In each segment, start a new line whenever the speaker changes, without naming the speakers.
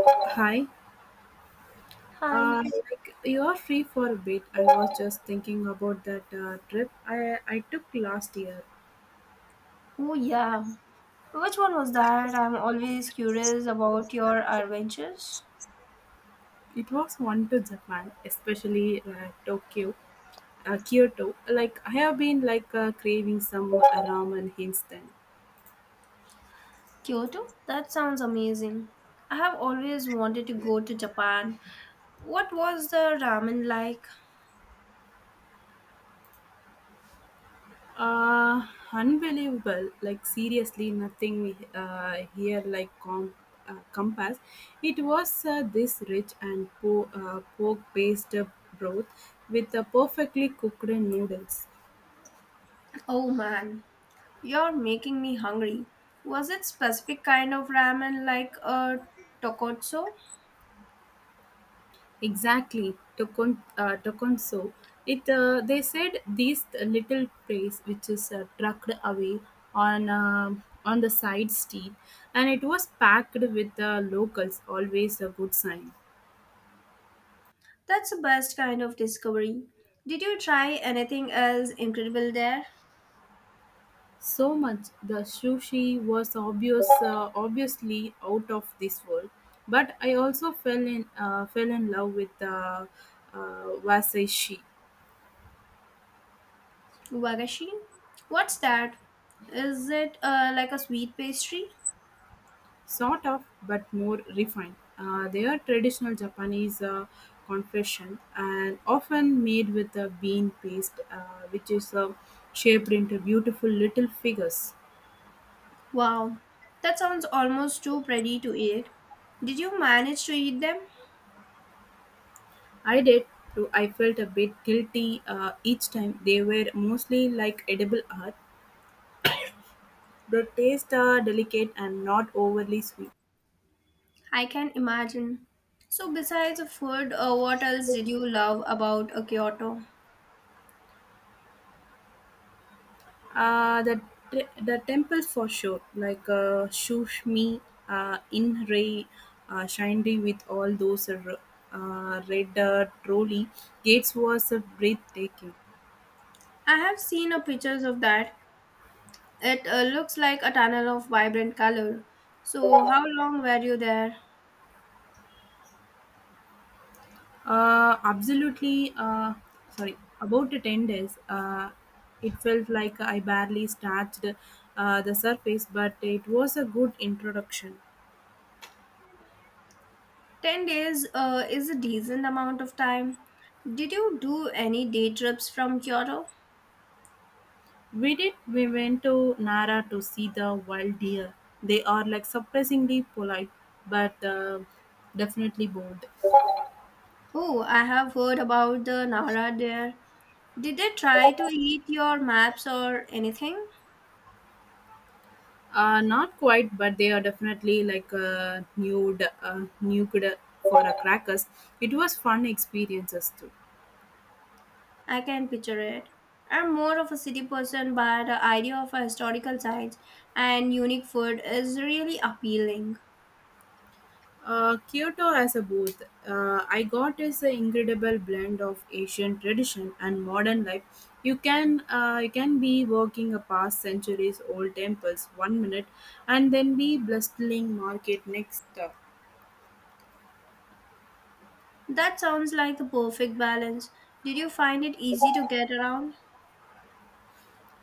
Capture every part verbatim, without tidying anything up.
Hi,
Hi.
uh, like you are free for a bit. I was just thinking about that uh, trip I, I took last year.
Oh, yeah. Which one was that? I'm always curious about your adventures.
It was one to Japan, especially uh, Tokyo, uh, Kyoto. Like I have been like uh, craving some uh, ramen hints then.
Kyoto? That sounds amazing. I have always wanted to go to Japan. What was the ramen like?
Uh, Unbelievable. Like seriously, nothing uh, here like com- uh, compass. It was uh, this rich and po- uh, pork-based broth with the perfectly cooked noodles.
Oh man, you're making me hungry. Was it specific kind of ramen like a tokotsu?
Exactly, Tokon, uh, Tokonso. It uh, they said these little place which is uh, trucked away on um on the side street, and it was packed with the locals. Always a good sign.
That's the best kind of discovery. Did you try anything else incredible there?
So much the sushi was obvious, uh, obviously out of this world. But I also fell in uh, fell in love with the uh, wasashi.
Wagashi? What's that? Is it uh, like a sweet pastry?
Sort of but more refined. Uh, they are traditional Japanese uh, confection and often made with a bean paste, uh, which is uh, shaped into beautiful little figures.
Wow, that sounds almost too pretty to eat. Did you manage to eat them?
I did too. I felt a bit guilty uh, each time. They were mostly like edible art, but taste are delicate and not overly sweet.
I can imagine. So, besides the food, uh, what else did you love about uh, Kyoto?
Uh, the the temple for sure, like uh, Shushmi uh, in Ray uh, Shindy with all those r- uh, red uh, trolley gates was uh, breathtaking.
I have seen uh, pictures of that. It uh, looks like a tunnel of vibrant color. So, how long were you there?
Uh, absolutely, uh, sorry, about the ten days, uh, it felt like I barely scratched uh, the surface, but it was a good introduction.
ten days uh, is a decent amount of time. Did you do any day trips from Kyoto?
We did. We went to Nara to see the wild deer. They are like surprisingly polite, but uh, definitely bold.
Oh, I have heard about the Nara there. Did they try to eat your maps or anything?
Uh, not quite, but they are definitely like uh, nude, uh, nude for a crackers. It was fun experiences too.
I can picture it. I'm more of a city person, but the idea of a historical sites and unique food is really appealing.
Uh, Kyoto as a booth, uh, I got is an incredible blend of Asian tradition and modern life. You can uh, you can be walking a past centuries old temples one minute, and then be bustling market next.
That sounds like the perfect balance. Did you find it easy to get around?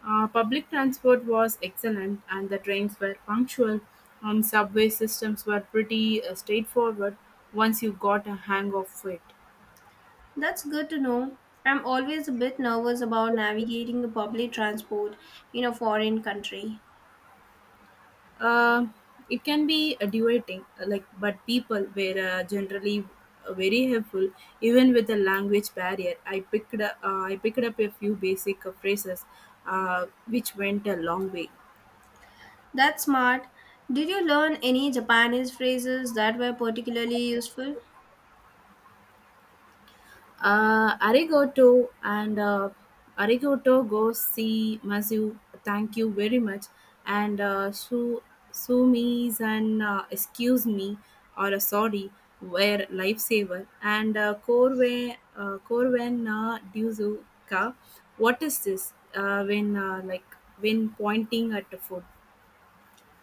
Uh, public transport was excellent, and the trains were punctual. Um, subway systems were pretty uh, straightforward once you got a hang of it.
That's good to know. I'm always a bit nervous about navigating the public transport in a foreign country.
Um it can be a duating, uh, like but people were uh, generally uh, very helpful, even with a language barrier. I picked up, uh, I picked up a few basic uh, phrases, uh, which went a long way.
That's smart. Did you learn any Japanese phrases that were particularly useful?
Uh, arigato and uh, arigato go see masu. Thank you very much. And uh, su sumis and uh, excuse me or uh, sorry were lifesaver. And uh, korwe uh, korwen na duzuka. What is this? Uh, when uh, like when pointing at the food.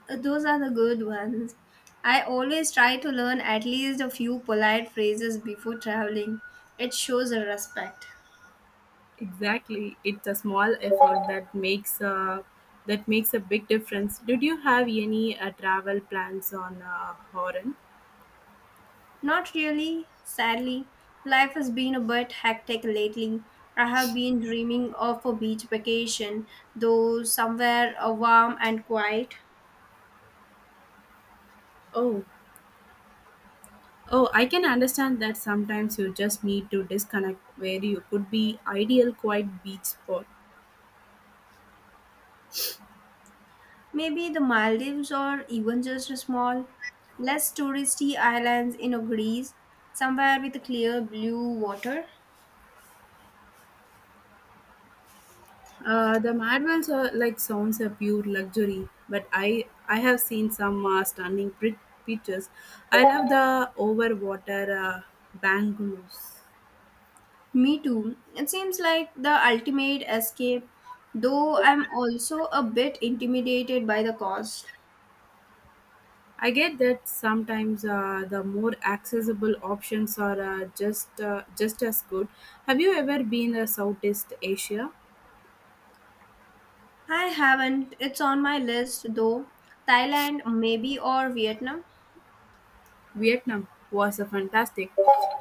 Uh, Those are the good ones. I always try to learn at least a few polite phrases before traveling. It shows a respect.
Exactly, it's a small effort that makes a that makes a big difference. Did you have any uh, travel plans on uh, Horan?
Not really, sadly. Life has been a bit hectic lately. I have been dreaming of a beach vacation, though somewhere uh, warm and quiet.
Oh, oh, I can understand that sometimes you just need to disconnect where you could be ideal quiet beach spot.
Maybe the Maldives or even just a small, less touristy islands in a Greece, somewhere with clear blue water.
Uh, the Madwells are like sounds a pure luxury, but I I have seen some uh, stunning prit- pictures. I love the over water uh, bungalows.
Me too. It seems like the ultimate escape, though I'm also a bit intimidated by the cost.
I get that sometimes uh, the more accessible options are uh, just uh, just as good. Have you ever been to Southeast Asia?
I haven't. It's on my list though. Thailand, maybe, or Vietnam.
Vietnam was a fantastic.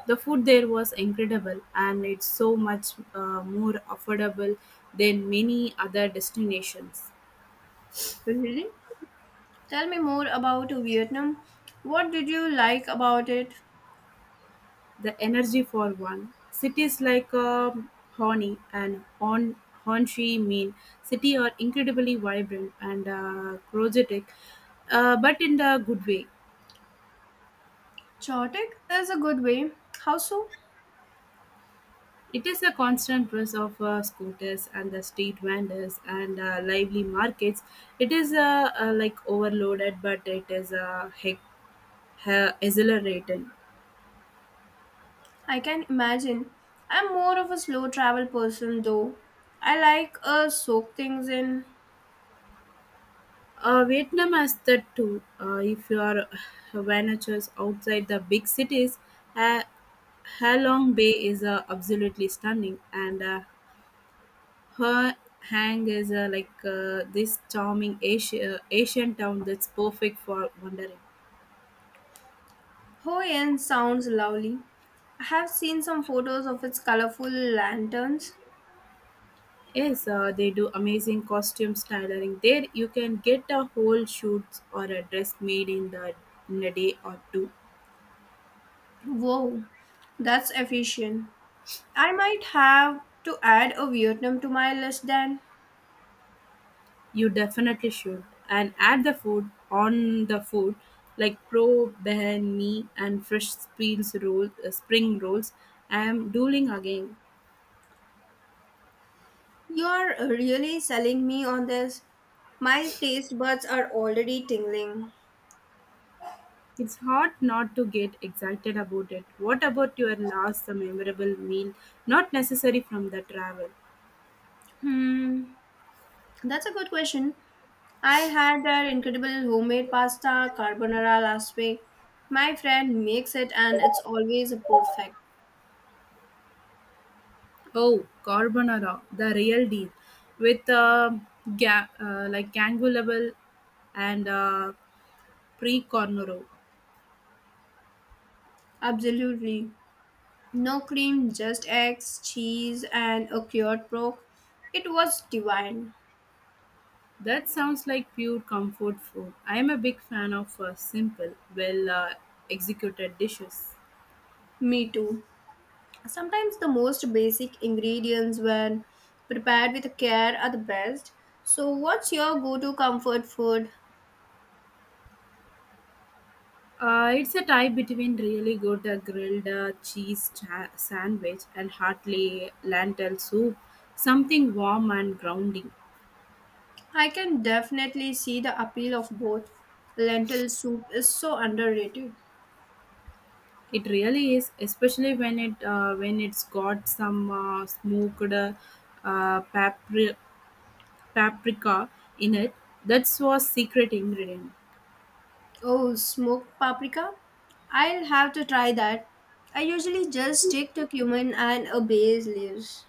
The food there was incredible, and it's so much uh, more affordable than many other destinations.
Really? Tell me more about Vietnam. What did you like about it?
The energy for one cities like um Hoi and Hon Hon Chi Minh city are incredibly vibrant and uh, energetic, uh, but in the good way.
Chaotic is a good way. How so?
It is a constant buzz of uh, scooters and the street vendors and uh, lively markets. It is uh, uh, like overloaded, but it is uh, hec- ha- exhilarating.
I can imagine. I'm more of a slow travel person though. I like uh soak things in.
Uh, Vietnam has that too. Uh, if you are ventures outside the big cities, uh, Ha Long Bay is uh, absolutely stunning, and uh, Her Hang is uh, like uh, this charming Asia, Asian town that's perfect for wandering.
Hoi An sounds lovely. I have seen some photos of its colorful lanterns.
Yes, uh, they do amazing costumes tailoring. There you can get a whole shoot or a dress made in the in a day or two.
Whoa, that's efficient. I might have to add a Vietnam to my list then.
You definitely should. And add the food on the food like pro me and fresh spills roll uh, spring rolls. I am dueling again.
You're really selling me on this. My taste buds are already tingling.
It's hard not to get excited about it. What about your last memorable meal? Not necessary from the travel.
Hmm. That's a good question. I had that incredible homemade pasta carbonara last week. My friend makes it and it's always perfect.
Oh, carbonara, the real deal, with uh, ga- uh, like gangu and uh, pre-cornero.
Absolutely. No cream, just eggs, cheese, and a cured pork. It was divine.
That sounds like pure comfort food. I am a big fan of uh, simple, well uh, executed dishes.
Me too. Sometimes the most basic ingredients, when prepared with care, are the best. So, what's your go to comfort food?
Uh, it's a tie between really good uh, grilled uh, cheese cha- sandwich and heartily lentil soup, something warm and grounding.
I can definitely see the appeal of both. Lentil soup is so underrated.
It really is, especially when it uh, when it's got some uh, smoked uh, uh, papri- paprika in it. That's was secret ingredient.
Oh, smoked paprika? I'll have to try that. I usually just stick to cumin and a bay's leaves.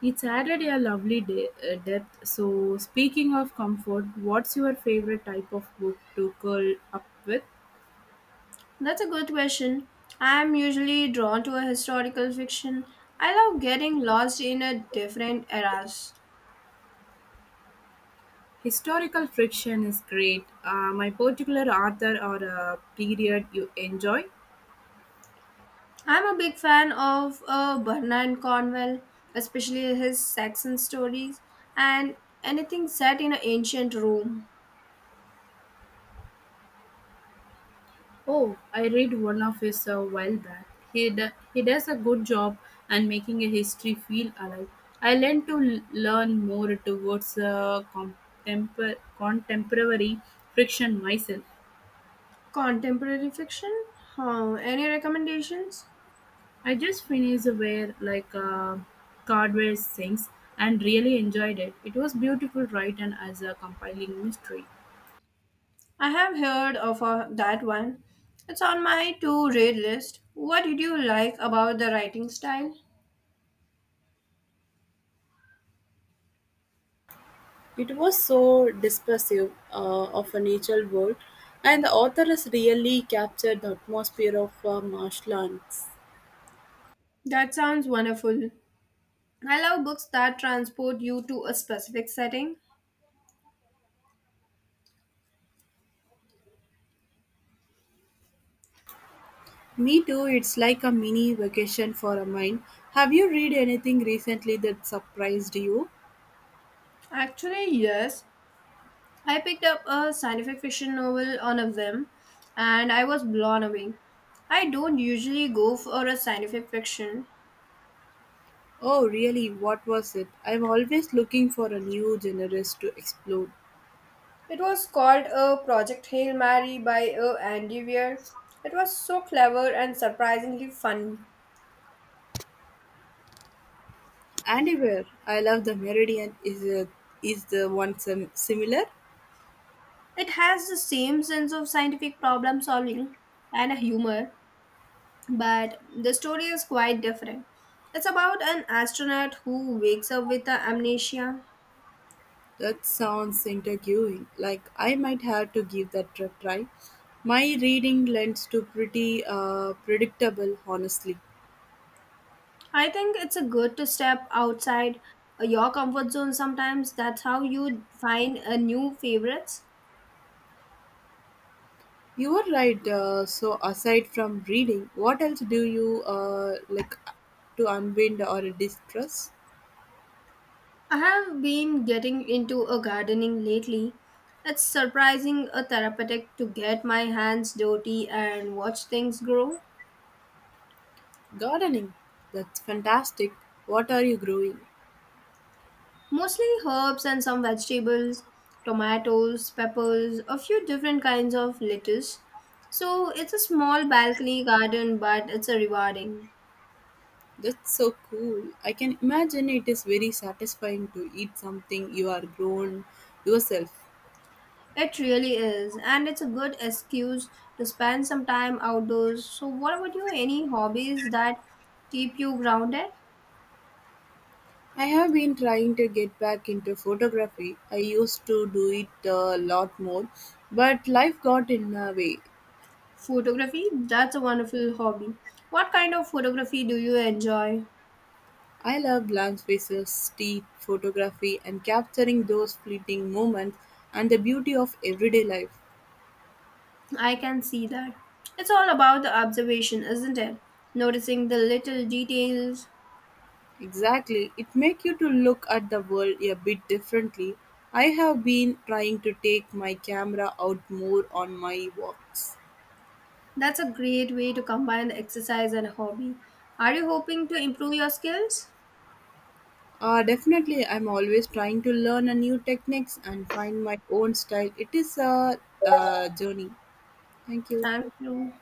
It's added a lovely de- uh, depth. So speaking of comfort, what's your favorite type of book to curl up with?
That's a good question. I'm usually drawn to a historical fiction. I love getting lost in a different eras.
Historical friction is great. Uh, my particular author or uh, period you enjoy?
I'm a big fan of uh, Bernard Cornwell, especially his Saxon stories and anything set in an ancient Rome.
Oh, I read one of his a while back. He d- he does a good job and making a history feel alive. I learned to l- learn more towards uh, contempor- contemporary fiction myself.
Contemporary fiction? Huh, any recommendations?
I just finished where like uh, Cardwell sings and really enjoyed it. It was beautiful, right, and as a compiling mystery.
I have heard of uh, that one. It's on my to read list. What did you like about the writing style?
It was so dispersive uh, of a natural world, and the author has really captured the atmosphere of uh, marshlands.
That sounds wonderful. I love books that transport you to a specific setting.
Me too, it's like a mini vacation for a mind. Have you read anything recently that surprised you?
Actually, yes. I picked up a scientific fiction novel, one of them, and I was blown away. I don't usually go for a scientific fiction.
Oh, really? What was it? I'm always looking for a new genres to explore.
It was called a Project Hail Mary by uh, Andy Weir. It was so clever and surprisingly funny.
Anywhere. I love the Meridian. Is it, is the one sim- similar?
It has the same sense of scientific problem solving and a humor, but the story is quite different. It's about an astronaut who wakes up with a amnesia.
That sounds intriguing. Like I might have to give that a try. My reading lends to pretty uh, predictable, honestly.
I think it's a good to step outside uh, your comfort zone sometimes. That's how you find a new favorites.
You are right. Uh, so aside from reading, what else do you uh, like to unwind or distress?
I have been getting into a gardening lately. It's surprising a therapeutic to get my hands dirty and watch things grow.
Gardening. That's fantastic. What are you growing?
Mostly herbs and some vegetables, tomatoes, peppers, a few different kinds of lettuce. So it's a small balcony garden, but it's a rewarding.
That's so cool. I can imagine it is very satisfying to eat something you are grown yourself.
It really is, and it's a good excuse to spend some time outdoors. So, what about you? Any hobbies that keep you grounded?
I have been trying to get back into photography. I used to do it a lot more, but life got in the way.
Photography? That's a wonderful hobby. What kind of photography do you enjoy?
I love blank spaces, street photography, and capturing those fleeting moments and the beauty of everyday life.
I can see that. It's all about the observation, isn't it? Noticing the little details.
Exactly, it makes you to look at the world a bit differently. I have been trying to take my camera out more on my walks.
That's a great way to combine the exercise and hobby. Are you hoping to improve your skills?
Uh, definitely, I'm always trying to learn a new techniques and find my own style. It is a uh, journey. Thank you.
Thank you.